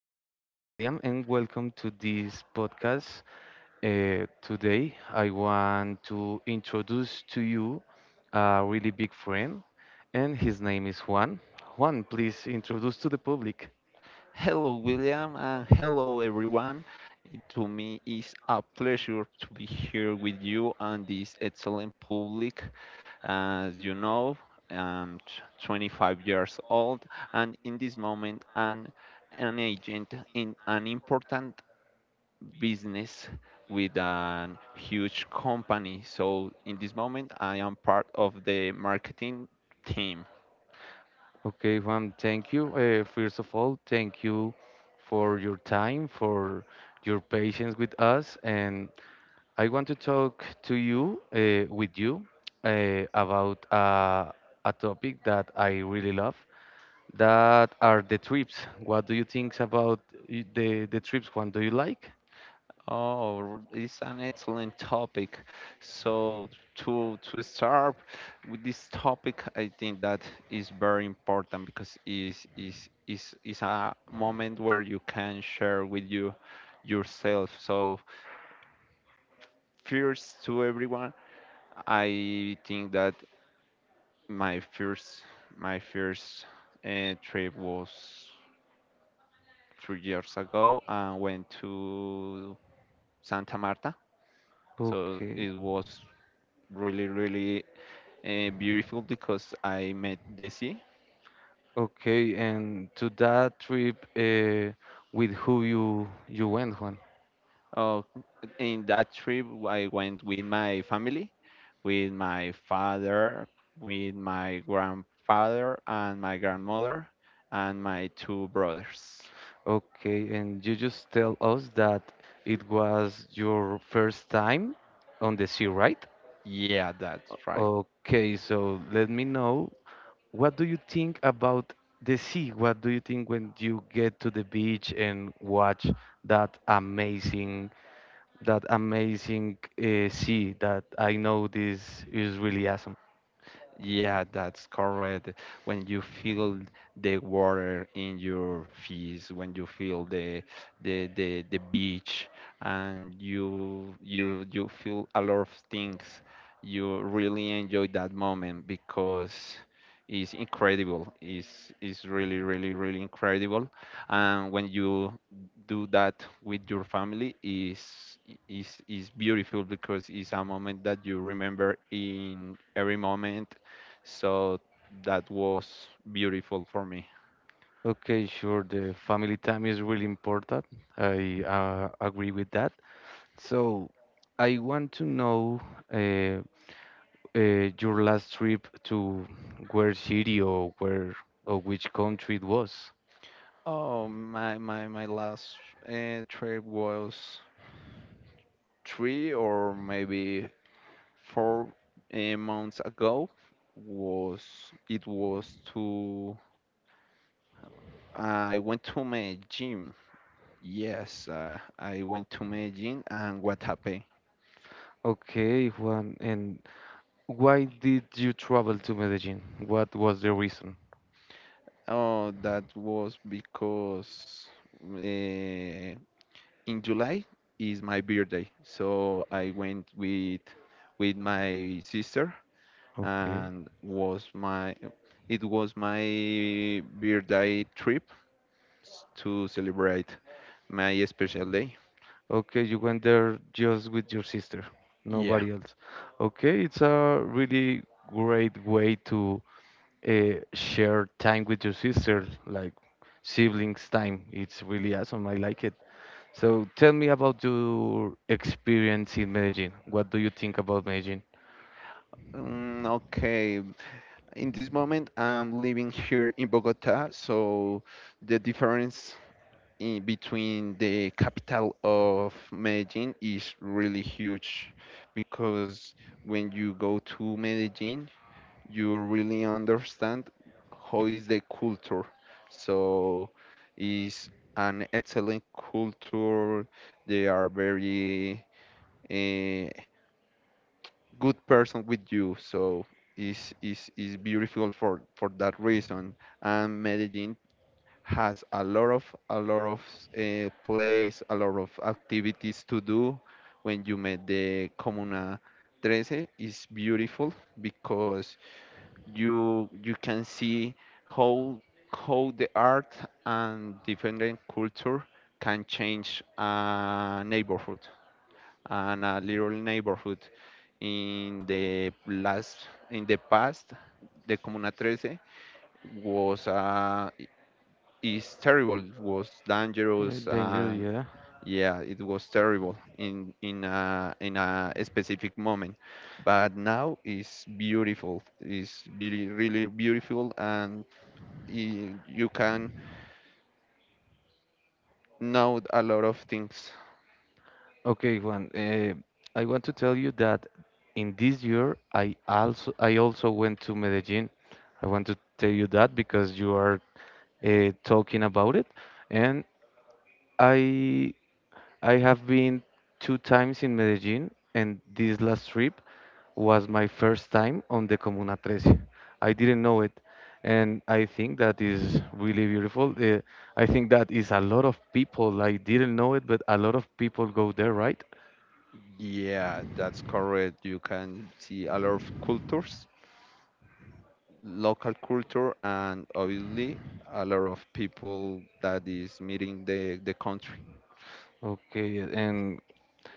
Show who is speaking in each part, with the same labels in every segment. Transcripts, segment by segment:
Speaker 1: name is William, and welcome to this podcast. Today, I want to introduce to you a really big friend, and his name is Juan. Juan, please introduce to the public.
Speaker 2: Hello, William, and hello, everyone. To me, it's a pleasure to be here with you and this excellent public. As you know, 25 years old, and in this moment, I'm an agent in an important business with a huge company. So, in this moment, I am part of the marketing team.
Speaker 1: Okay, Juan, thank you. First of all, thank you for your time, for your patience with us, and I want to talk to you, about a topic that I really love. That are the trips. What do you think about the trips? One, do you like?
Speaker 2: Oh, it's an excellent topic. So to start with this topic, I think that is very important because is a moment where you can share with you yourself. So first to everyone, I think that my first my first trip was 3 years ago. I went to Santa Marta. So
Speaker 1: Okay,
Speaker 2: it was really, really beautiful because I met Desi.
Speaker 1: okay. And to that trip, with who you went, Juan?
Speaker 2: Uh, in that trip, I went with my family, with my father, with my grandfather, and my grandmother, and my two brothers.
Speaker 1: Okay, and you just tell us that it was your first time on the sea, right?
Speaker 2: Yeah, that's right.
Speaker 1: Okay, so let me know. What do you think about the sea? What do you think when you get to the beach and watch that amazing, that amazing sea that I know this is really awesome?
Speaker 2: Yeah, that's correct. When you feel the water in your feet, when you feel the beach, and you feel a lot of things, you really enjoy that moment because it's incredible. It's really, really, really incredible. And when you do that with your family, is beautiful because it's a moment that you remember in every moment, so that was beautiful for me.
Speaker 1: Okay, sure. The family time is really important. I agree with that. So I want to know uh, your last trip to where city, or where or which country it was.
Speaker 2: Oh, my last trip was 3 or maybe 4 months ago. Was it was to I went to my gym. Yes, I went to my gym, and what happened?
Speaker 1: Okay, Juan, and why did you travel to Medellin? What was the reason?
Speaker 2: Oh, that was because uh, in July is my birthday, so I went with my sister,
Speaker 1: Okay.
Speaker 2: and was my it was my birthday trip to celebrate my special day.
Speaker 1: Okay, you went there just with your sister,
Speaker 2: Yeah.
Speaker 1: nobody else. Okay, it's a really great way to share time with your sister, like siblings time. It's really awesome. I like it. So tell me about your experience in Medellin. What do you think about Medellin?
Speaker 2: Mm, okay. In this moment, I'm living here in Bogota, so the difference in between the capital of Medellin is really huge because when you go to Medellin, you really understand how is the culture. So is an excellent culture. They are very eh, good person with you. So is beautiful for that reason. And Medellin has a lot of plays, a lot of activities to do. When you met the Comuna 13, is beautiful because you can see how how the art and different culture can change a neighborhood and a little neighborhood. In the last in the past, the Comuna 13 was a is terrible. It was
Speaker 1: Yeah,
Speaker 2: dangerous,
Speaker 1: dangerous,
Speaker 2: and
Speaker 1: yeah.
Speaker 2: yeah, it was terrible in a specific moment. But now it's beautiful. It's really, really beautiful, and you can know a lot of things.
Speaker 1: Okay, Juan, I want to tell you that in this year I also went to Medellin. I want to tell you that because you are talking about it, and I I have been two times in Medellin, and this last trip was my first time on the Comuna 13. I didn't know it, and I think that is really beautiful. I think that is a lot of people. I didn't know it, but a lot of people go there, right?
Speaker 2: Yeah, that's correct. You can see a lot of cultures, local culture, and obviously a lot of people that is meeting the country.
Speaker 1: Okay, and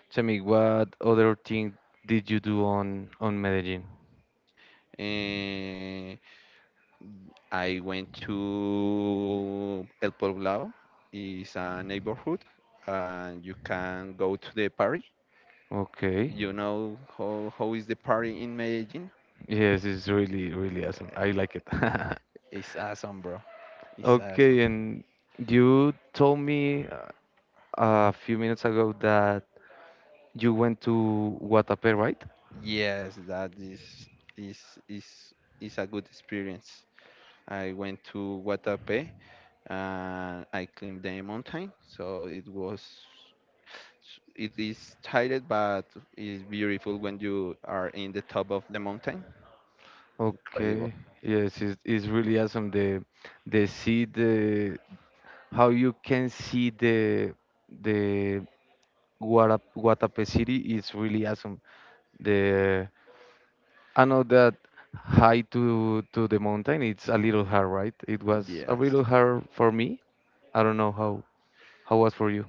Speaker 1: tell me what other thing did you do on Medellin?
Speaker 2: Eh, I went to El Poblado, is a neighborhood, and you can go to the party.
Speaker 1: Okay,
Speaker 2: You know how is the party in Medellin?
Speaker 1: yes, it's really really awesome. I like it.
Speaker 2: It's awesome, bro. It's awesome.
Speaker 1: Okay, and you told me a few minutes ago that you went to Guatapé, right?
Speaker 2: Yes, that is is is a good experience. I went to Guatapé, and I climbed the mountain, so it is tired but it's beautiful when you are in the top of the mountain. Incredible.
Speaker 1: Okay, yes, it's really awesome. The see the How you can see the the Guatapé city is really awesome. The I know that high to the mountain it's a little hard, right? It was a
Speaker 2: Yes.
Speaker 1: little hard for me. I don't know how was for you.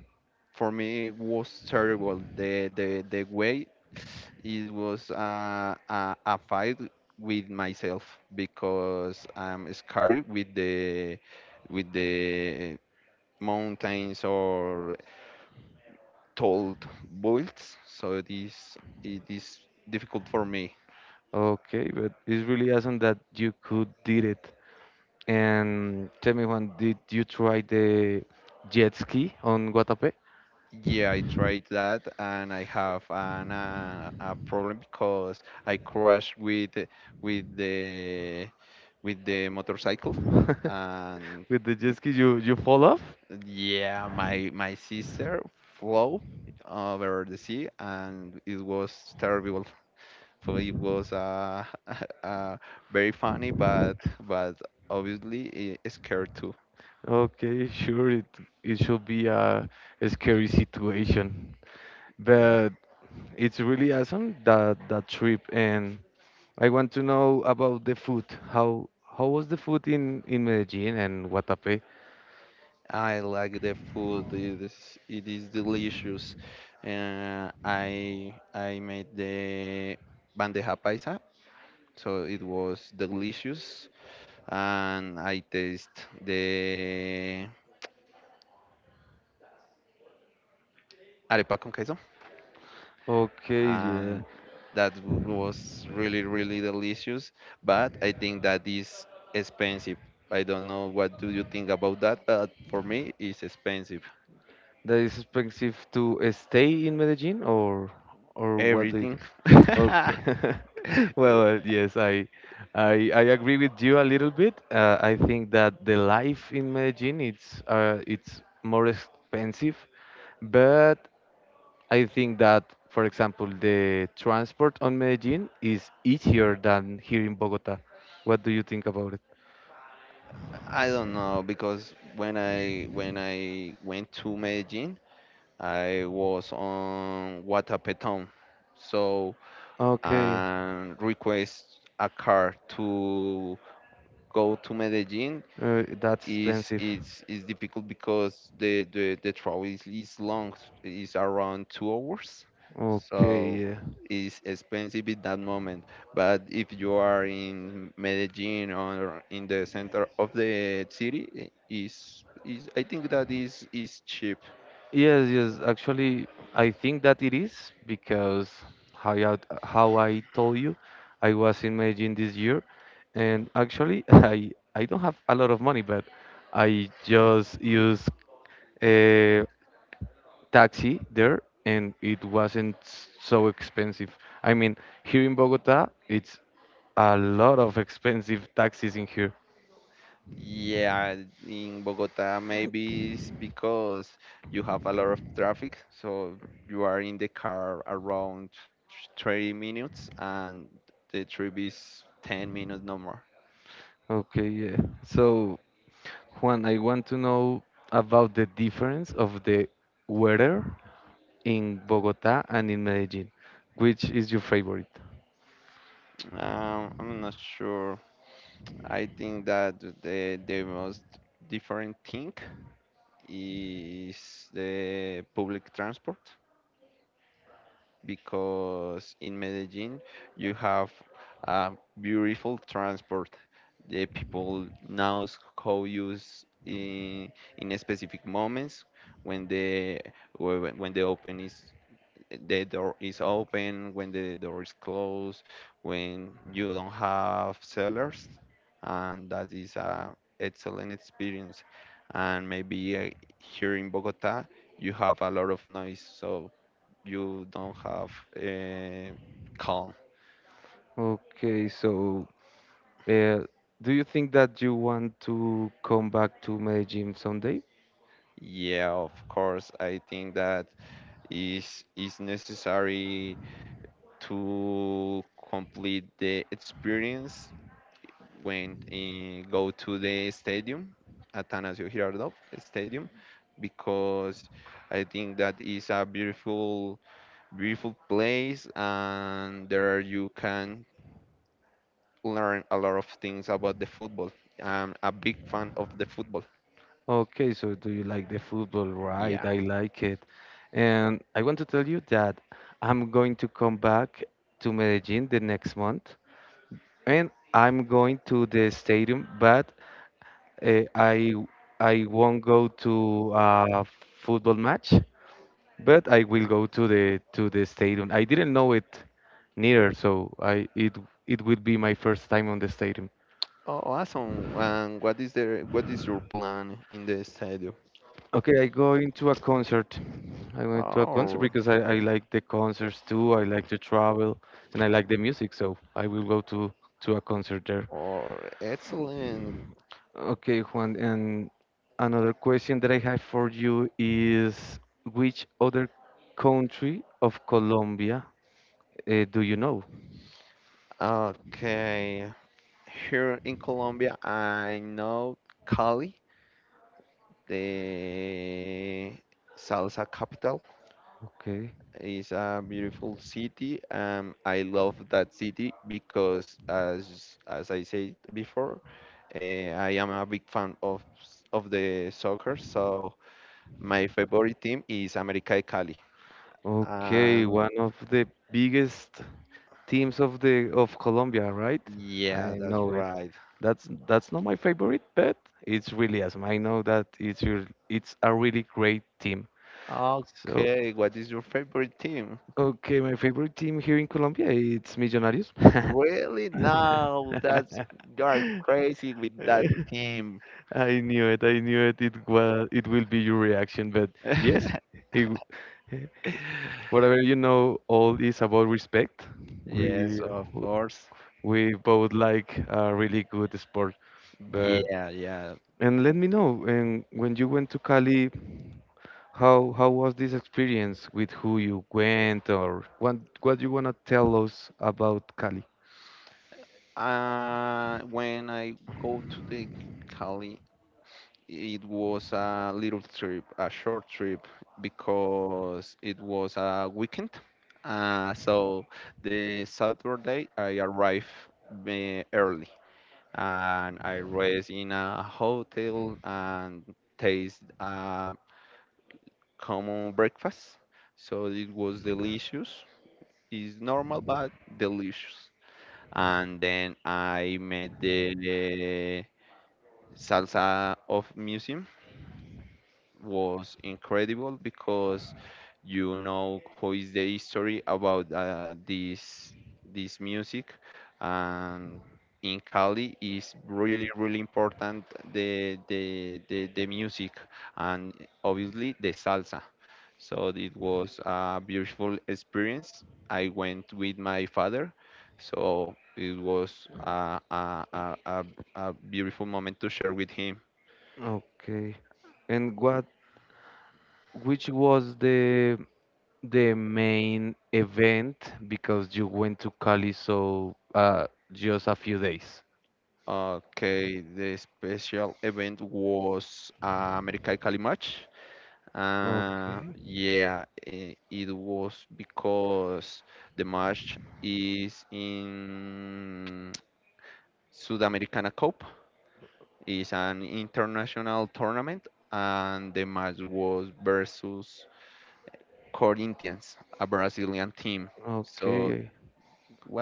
Speaker 2: For me, it was terrible. The way it was a fight with myself because I'm scared with the mountains or tall builds. So it is difficult for me.
Speaker 1: Okay, but it's really awesome that you could did it. And tell me, Juan, did you try the jet ski on Guatapé?
Speaker 2: Yeah, I tried that, and I have a problem because I crashed with the with the motorcycle, and
Speaker 1: With the jet ski, you fall off?
Speaker 2: yeah, my sister flew over the sea, and it was terrible. So it was uh very funny, but but obviously it scared too.
Speaker 1: Okay, sure. It should be a scary situation,
Speaker 2: yeah
Speaker 1: but it's really awesome that trip. And I want to know about the food. How was the food in Medellin and Guatapé?
Speaker 2: i like the food. It is delicious. I made the bandeja paisa, so it was delicious, and I taste the arepa con queso,
Speaker 1: Okay, yeah.
Speaker 2: and that was really, really delicious. But I think that is expensive. I don't know what do you think about that, but for me, it's expensive.
Speaker 1: That is expensive to stay in Medellin, or what do you
Speaker 2: Everything.
Speaker 1: think? Okay. Well, yes, I agree with you a little bit. I think that the life in Medellin it's more expensive, but I think that, for example, the transport on Medellin is easier than here in Bogota. What do you think about it?
Speaker 2: I don't know because when I went to Medellin, I was on Guatapetón, so
Speaker 1: Okay,
Speaker 2: and request a car to go to Medellin
Speaker 1: that's
Speaker 2: is
Speaker 1: expensive.
Speaker 2: it's is difficult because the travel is long, is around 2 hours,
Speaker 1: Okay,
Speaker 2: so
Speaker 1: yeah.
Speaker 2: it's expensive in that moment. But if you are in Medellin or in the center of the city, I- is I think that is cheap.
Speaker 1: Yes, yes. Actually, I think that it is because how I told you, I was in Medellin this year, and actually, I don't have a lot of money, but I just use a taxi there, and it wasn't so expensive. I mean, here in Bogota, it's a lot of expensive taxis in here.
Speaker 2: Yeah, in Bogota, maybe it's because you have a lot of traffic, so you are in the car around 30 minutes, and the trip is 10 minutes, no more.
Speaker 1: Okay, yeah. So. Juan, I want to know about the difference of the weather in Bogota and in Medellin. Which is your favorite?
Speaker 2: I'm not sure. I think that the most different thing is the public transport because in Medellin you have a beautiful transport. The people now how use in specific moments when the whe- when the open is the door is open, when the door is closed, when you don't have sellers, and that is a excellent experience. And maybe here in Bogota you have a lot of noise, so you don't have uh, calm.
Speaker 1: Okay, so uh, do you think that you want to come back to Medellin someday?
Speaker 2: Yeah, of course. I think that is necessary to complete the experience when go to the stadium, Atanasio Girardot Stadium, because I think that is a beautiful, beautiful place, and there you can learn a lot of things about the football. I'm a big fan of the football.
Speaker 1: Okay, so do you like the football? Right,
Speaker 2: Yeah.
Speaker 1: I like it. And I want to tell you that I'm going to come back to Medellin the next month and I'm going to the stadium, but Uh, I I won't go to a football match, but I will go to the stadium. I didn't know it neither, so I it it will be my first time on the stadium.
Speaker 2: Oh, awesome. And what is your plan in the stadium?
Speaker 1: Okay, I go into a concert. I went to a concert
Speaker 2: Oh,
Speaker 1: because I like the concerts too. I like to travel and I like the music, so I will go to a concert there.
Speaker 2: oh, excellent.
Speaker 1: Okay, Juan, and another question that I have for you is which other country of Colombia do you know?
Speaker 2: Okay. Here in Colombia, I know Cali, the salsa capital,
Speaker 1: Okay.
Speaker 2: is a beautiful city. I love that city because, as I said before, I am a big fan of the soccer. So my favorite team is América de Cali.
Speaker 1: Okay,
Speaker 2: And
Speaker 1: one of the biggest teams of the of Colombia, right?
Speaker 2: yeah,
Speaker 1: I
Speaker 2: that's
Speaker 1: know it.
Speaker 2: right.
Speaker 1: That's not my favorite, but it's really awesome. I know that it's a really great team. So
Speaker 2: Okay, what is your favorite team?
Speaker 1: Okay, my favorite team here in Colombia it's Millonarios.
Speaker 2: Really? Now that's you're crazy with that team.
Speaker 1: I knew it. I knew it. It was. It will be your reaction, but yes, it, w- whatever you know, all is about respect.
Speaker 2: Yes,
Speaker 1: We
Speaker 2: of course.
Speaker 1: we both like a really good sport, but
Speaker 2: Yeah, yeah.
Speaker 1: and let me know. And when you went to Cali, how was this experience, with who you went, or what you wanna tell us about Cali?
Speaker 2: When I go to the Cali, it was a little trip, a short trip, because it was a weekend. So the Saturday I arrived early, and I rest in a hotel and taste a common breakfast. So it was delicious. It's normal but delicious. And then I met the salsa of museum, was incredible because you know who is the history about this music, and in Cali is really, really important the music, and obviously the salsa, so it was a beautiful experience. I went with my father, so it was a beautiful moment to share with him.
Speaker 1: Okay. And what which was the main event, because you went to Cali so just a few days.
Speaker 2: Okay, the special event was America Cali match. Uh,
Speaker 1: Okay.
Speaker 2: yeah, it was because the match is in Sudamericana Cup. It's an international tournament, and the match was versus Corinthians, a Brazilian team. So it
Speaker 1: Okay.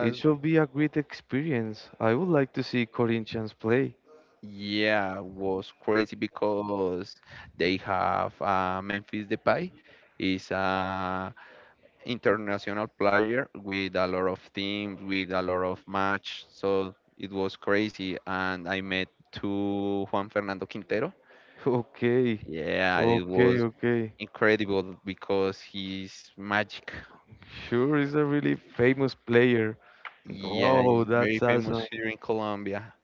Speaker 1: It should be a great experience. I would like to see Corinthians play.
Speaker 2: Yeah, was crazy because they have Memphis Depay, is a international player with a lot of teams, with a lot of match. So it was crazy, and I met to Juan Fernando Quintero.
Speaker 1: Okay.
Speaker 2: Yeah, it
Speaker 1: Okay,
Speaker 2: was
Speaker 1: okay.
Speaker 2: incredible because he's magic.
Speaker 1: Sure, he's a really famous player.
Speaker 2: Yeah,
Speaker 1: Oh,
Speaker 2: he's very
Speaker 1: that's
Speaker 2: famous
Speaker 1: awesome.
Speaker 2: here in Colombia.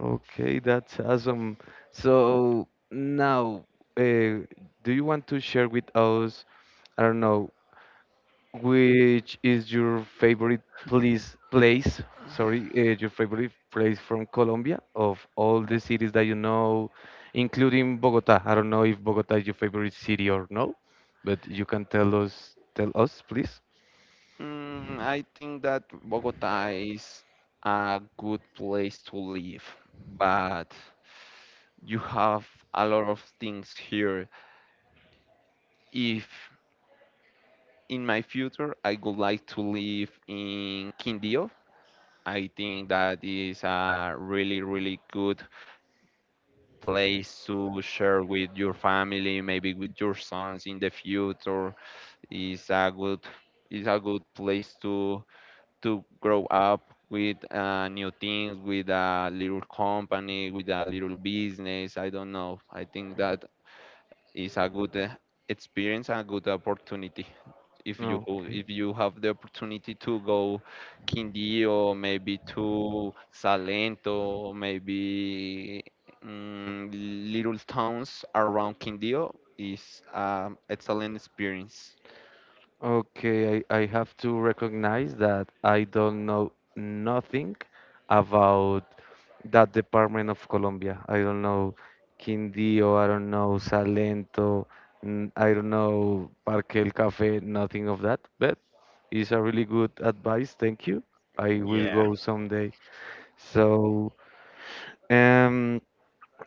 Speaker 1: Okay, that's awesome. So now, uh, do you want to share with us, I don't know, which is your favorite place, place, sorry, your favorite place from Colombia of all the cities that you know, including Bogota? I don't know if Bogota is your favorite city or no, but you can tell us, please.
Speaker 2: I think that Bogota is a good place to live, but you have a lot of things here. If in my future I would like to live in Quindío, I think that is a really, really good place to share with your family, maybe with your sons in the future. Is a good is a good place to grow up with new things, with a little company, with a little business. I don't know. I think that is a good experience and a good opportunity. If you ho-
Speaker 1: Okay.
Speaker 2: if you have the opportunity to go Quindío, or maybe to Salento, maybe mm, little towns around Quindío, is an excellent experience.
Speaker 1: Okay, I have to recognize that I don't know nothing about that department of Colombia. I don't know Quindío, I don't know Salento, I don't know Parque El Café, nothing of that. But it's a really good advice. Thank you. I will go someday. So, um,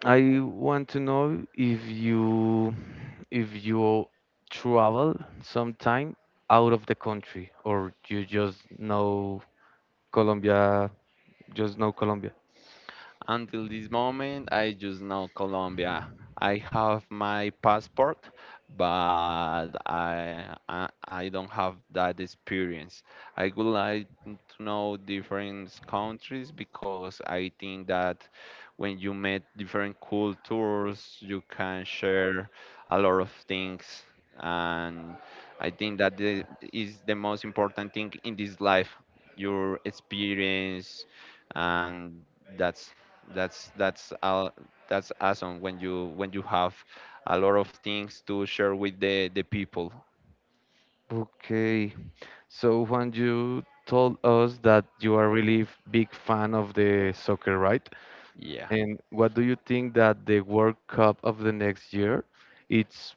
Speaker 1: I want to know if you if you travel sometime out of the country, or you just know Colombia, just know Colombia.
Speaker 2: Until this moment, I just know Colombia. I have my passport, but I don't have that experience. I would like to know different countries because I think that when you meet different cultures, you can share a lot of things. And I think that is the most important thing in this life, your experience, and that's that's that's uh, that's awesome when you have a lot of things to share with the people.
Speaker 1: Okay. So Juan, you told us that you are really big fan of the soccer, right?
Speaker 2: Yeah.
Speaker 1: And what do you think that the World Cup of the next year? It's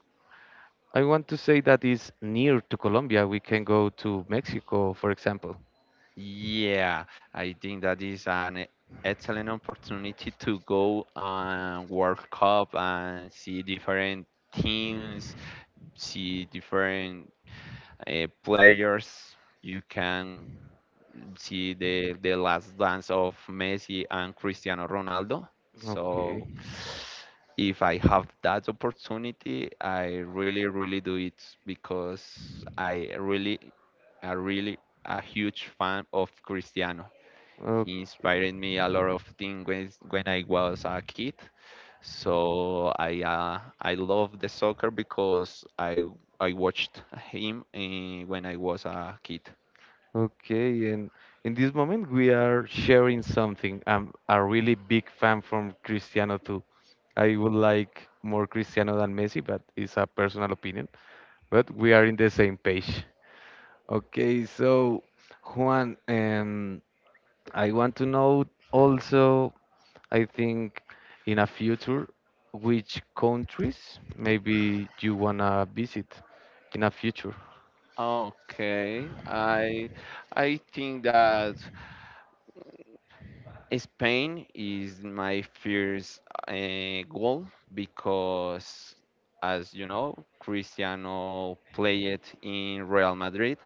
Speaker 1: I want to say that is near to Colombia. We can go to Mexico, for example.
Speaker 2: Yeah, I think that is an excellent opportunity to go and World Cup and see different teams, see different players. You can see the last dance of Messi and Cristiano Ronaldo.
Speaker 1: Okay.
Speaker 2: So if I have that opportunity, I really, really do it because I really a huge fan of Cristiano. He
Speaker 1: Okay.
Speaker 2: inspired me a lot of things when I was a kid. So I love the soccer because I watched him when I was a kid.
Speaker 1: Okay, and in this moment we are sharing something. I'm a really big fan from Cristiano too. I would like more Cristiano than Messi, but it's a personal opinion. But we are in the same page. Okay, so Juan, I want to know also, I think in a future, which countries maybe you wanna visit in a future?
Speaker 2: Okay, I think that Spain is my first goal because, as you know, Cristiano played in Real Madrid,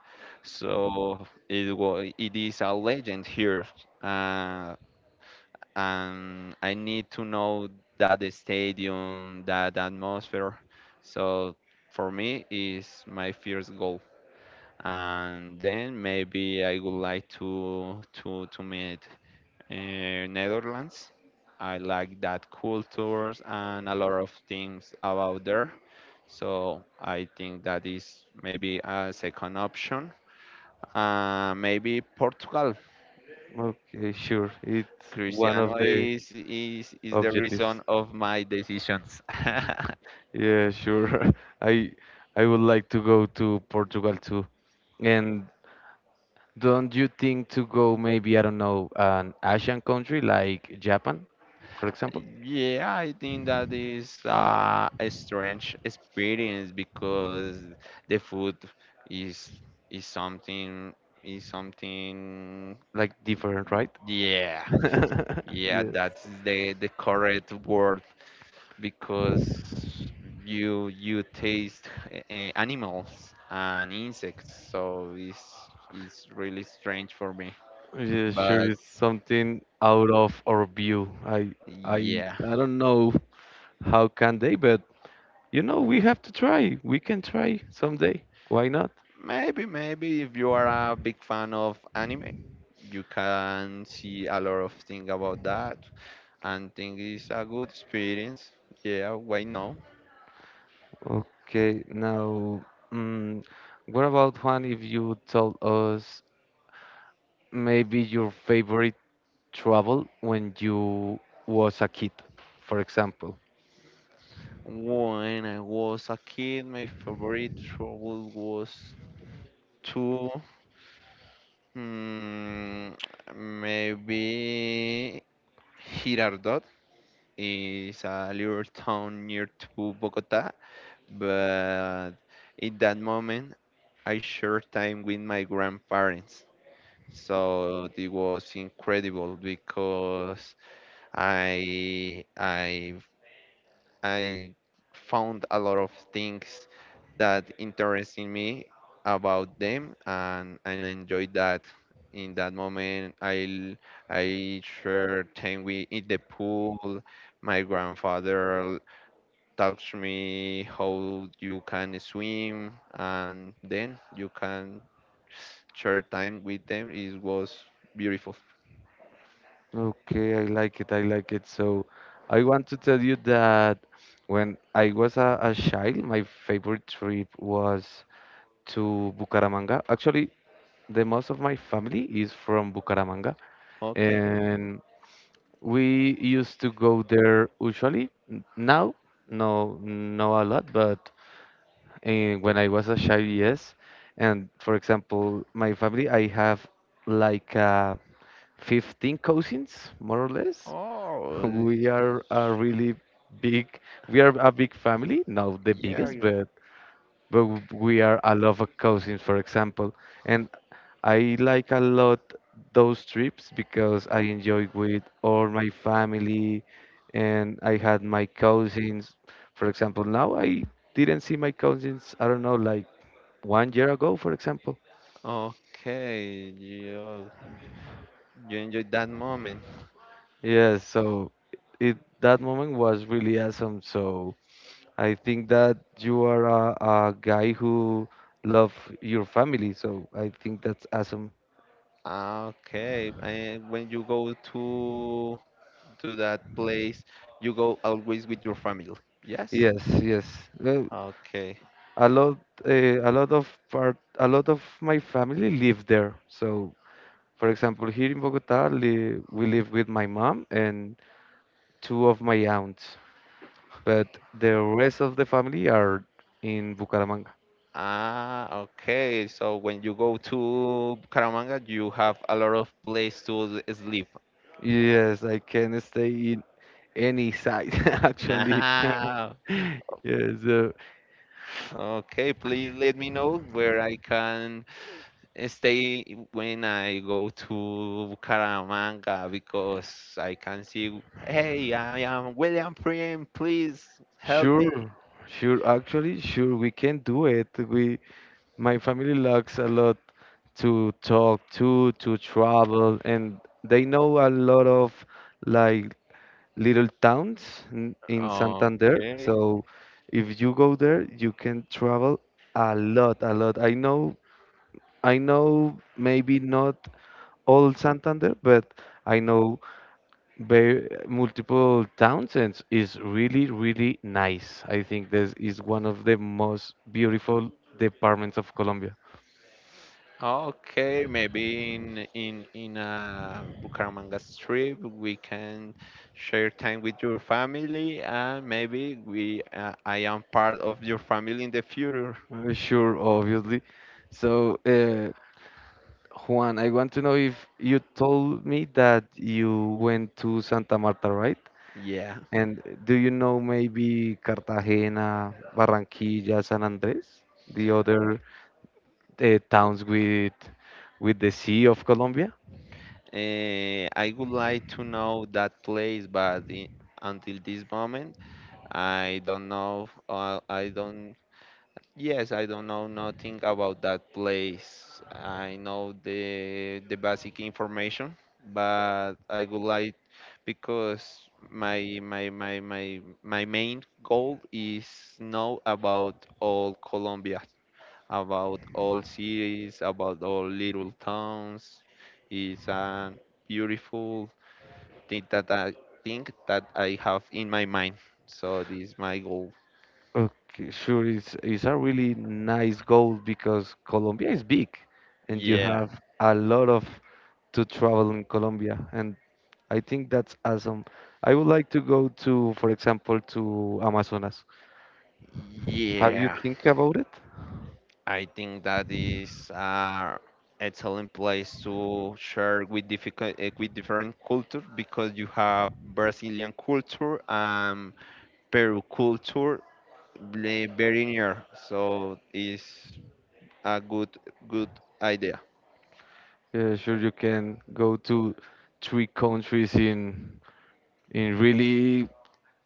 Speaker 2: so it is a legend here, uh, and I need to know that the stadium, that atmosphere. So for me, is my first goal. And then maybe I would like to meet Netherlands. I like that cultures and a lot of things about there. So I think that is maybe a second option. Maybe Portugal.
Speaker 1: Okay, sure. It's one
Speaker 2: Cristiano
Speaker 1: of the
Speaker 2: is the reason
Speaker 1: objectives.
Speaker 2: of my decisions.
Speaker 1: Yeah, sure. I I would like to go to Portugal too. And don't you think to go maybe, I don't know, an Asian country like Japan, for example?
Speaker 2: Yeah, I think that is a strange experience because the food is is something is something.
Speaker 1: Like different, right?
Speaker 2: Yeah, yeah,
Speaker 1: Yes.
Speaker 2: that's the correct word because you taste animals and insects, so it's really strange for me,
Speaker 1: Yeah, sure.
Speaker 2: but
Speaker 1: It's something out of our view. I I
Speaker 2: yeah.
Speaker 1: I don't know how can they, but you know, we have to try. We can try someday. Why not?
Speaker 2: Maybe, maybe if you are a big fan of anime, you can see a lot of things about that and think it's a good experience. Yeah, why not?
Speaker 1: Okay, now, mm, what about Juan if you told us maybe your favorite travel when you was a kid, for example?
Speaker 2: When I was a kid, my favorite trouble was to, hmm, maybe, Girardot is a little town near to Bogota, but in that moment I share time with my grandparents. So it was incredible because I I I found a lot of things that interested me about them, and I enjoyed that. In that moment I shared time with in the pool. My grandfather taught me how you can swim and then you can share time with them. It was beautiful.
Speaker 1: Okay, I like it, I like it. So I want to tell you that when I was a child, my favorite trip was to Bucaramanga. Actually, the most of my family is from Bucaramanga,
Speaker 2: Okay.
Speaker 1: and we used to go there usually. Now, no, no a lot, but when I was a child, yes. And for example, my family, I have like 15 cousins, more or less.
Speaker 2: Oh, eh,
Speaker 1: We are a really big, we are a big family, not the
Speaker 2: yeah.
Speaker 1: biggest,
Speaker 2: You-
Speaker 1: but we are a lot of cousins, for example. And I like a lot those trips, because I enjoy with all my family and I had my cousins. For example, now I didn't see my cousins, I don't know, like one year ago, for example.
Speaker 2: okay, you enjoyed that moment.
Speaker 1: Yeah, so it that moment was really awesome. So I think that you are a guy who love your family, so I think that's awesome.
Speaker 2: Ah, okay, and when you go to that place, you go always with your family. Yes.
Speaker 1: Yes, yes. Well,
Speaker 2: Okay.
Speaker 1: a lot, a lot of part, a lot of my family live there. So, for example, here in Bogota, li we live with my mom and two of my aunts, but the rest of the family are in Bucaramanga.
Speaker 2: Ah, okay. So when you go to Caramanga, you have a lot of place to sleep.
Speaker 1: Yes, I can stay in any side, actually.
Speaker 2: Ah,
Speaker 1: Yes,
Speaker 2: okay. Please let me know where I can stay when I go to Bucaramanga, because I can see, hey, I am William Prim, please help me.
Speaker 1: sure, sure. Actually, sure, we can do it. We My family likes a lot to talk to travel, and they know a lot of like little towns in Santander.
Speaker 2: Okay.
Speaker 1: So if you go there, you can travel a lot, a lot. I know maybe not all Santander, but I know very multiple towns and is really, really nice. I think this is one of the most beautiful departments of Colombia.
Speaker 2: Okay, maybe in a Bucaramanga trip, we can share time with your family, and maybe we I am part of your family in the future.
Speaker 1: Sure, obviously. So, Juan, I want to know if you told me that you went to Santa Marta, right?
Speaker 2: Yeah.
Speaker 1: And do you know maybe Cartagena, Barranquilla, San Andres, the other towns with the sea of Colombia?
Speaker 2: Eh, I would like to know that place, but I- until this moment I don't know. I don't. Yes, I don't know nothing about that place. I know the basic information, but I would like, because my main goal is know about all Colombia, about all cities, about all little towns. It's a beautiful thing that I think that I have in my mind. So this is my goal.
Speaker 1: Okay, sure, it's a really nice goal because Colombia is big, and you
Speaker 2: Yeah,
Speaker 1: have a lot of to travel in Colombia, and I think that's awesome. I would like to go to, for example, to Amazonas. Have you
Speaker 2: yeah.
Speaker 1: think about it?
Speaker 2: I think that is excellent place to share with difficult, eh, with different cultures, because you have Brazilian culture and Peru culture, eh, very near. So it's a good idea.
Speaker 1: Yeah, sure, you can go to three countries in really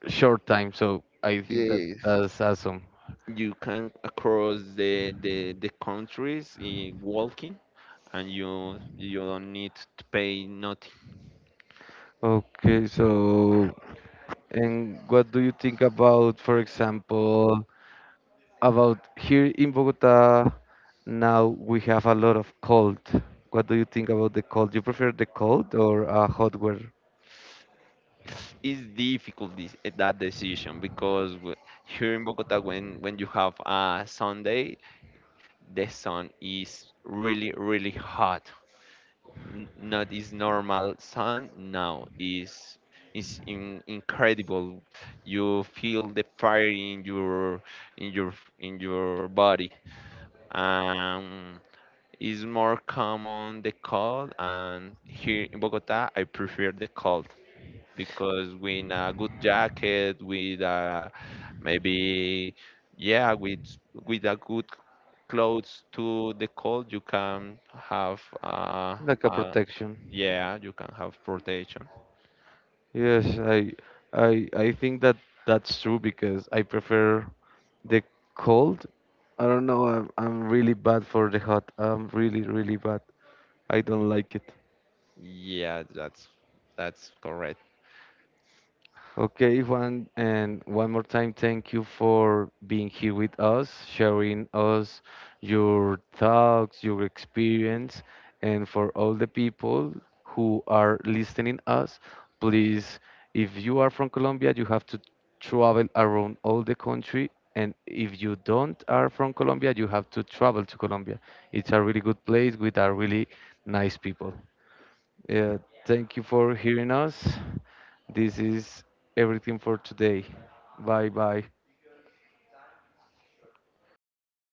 Speaker 1: short time. So I think that
Speaker 2: Yes,
Speaker 1: that's awesome.
Speaker 2: you can across the countries in walking, and you don't need to pay nothing.
Speaker 1: Okay, so and what do you think about, for example, about here in Bogota? Now we have a lot of cold. What do you think about the cold? Do you prefer the cold or a hot weather?
Speaker 2: It's difficult this, eh, that decision, because w- here in Bogota, when you have a Sunday, the sun is really really hot. N- not is normal sun, now is in, incredible. You feel the fire in your in your in your body. Um, is more common the cold, and here in Bogota, I prefer the cold, because with a good jacket, with a, maybe, yeah, with a good clothes to the cold, you can have
Speaker 1: Like a
Speaker 2: uh
Speaker 1: protection.
Speaker 2: yeah, you can have protection.
Speaker 1: Yes, I think that that's true because I prefer the cold. I don't know. I'm really bad for the hot. I'm really, really bad. I don't like it.
Speaker 2: Yeah, that's correct.
Speaker 1: Okay, Juan, and one more time, thank you for being here with us, sharing us your thoughts, your experience, and for all the people who are listening us, please, if you are from Colombia, you have to travel around all the country, and if you don't are from Colombia, you have to travel to Colombia. It's a really good place with a really nice people. Yeah, thank you for hearing us. This is everything for today. Bye bye.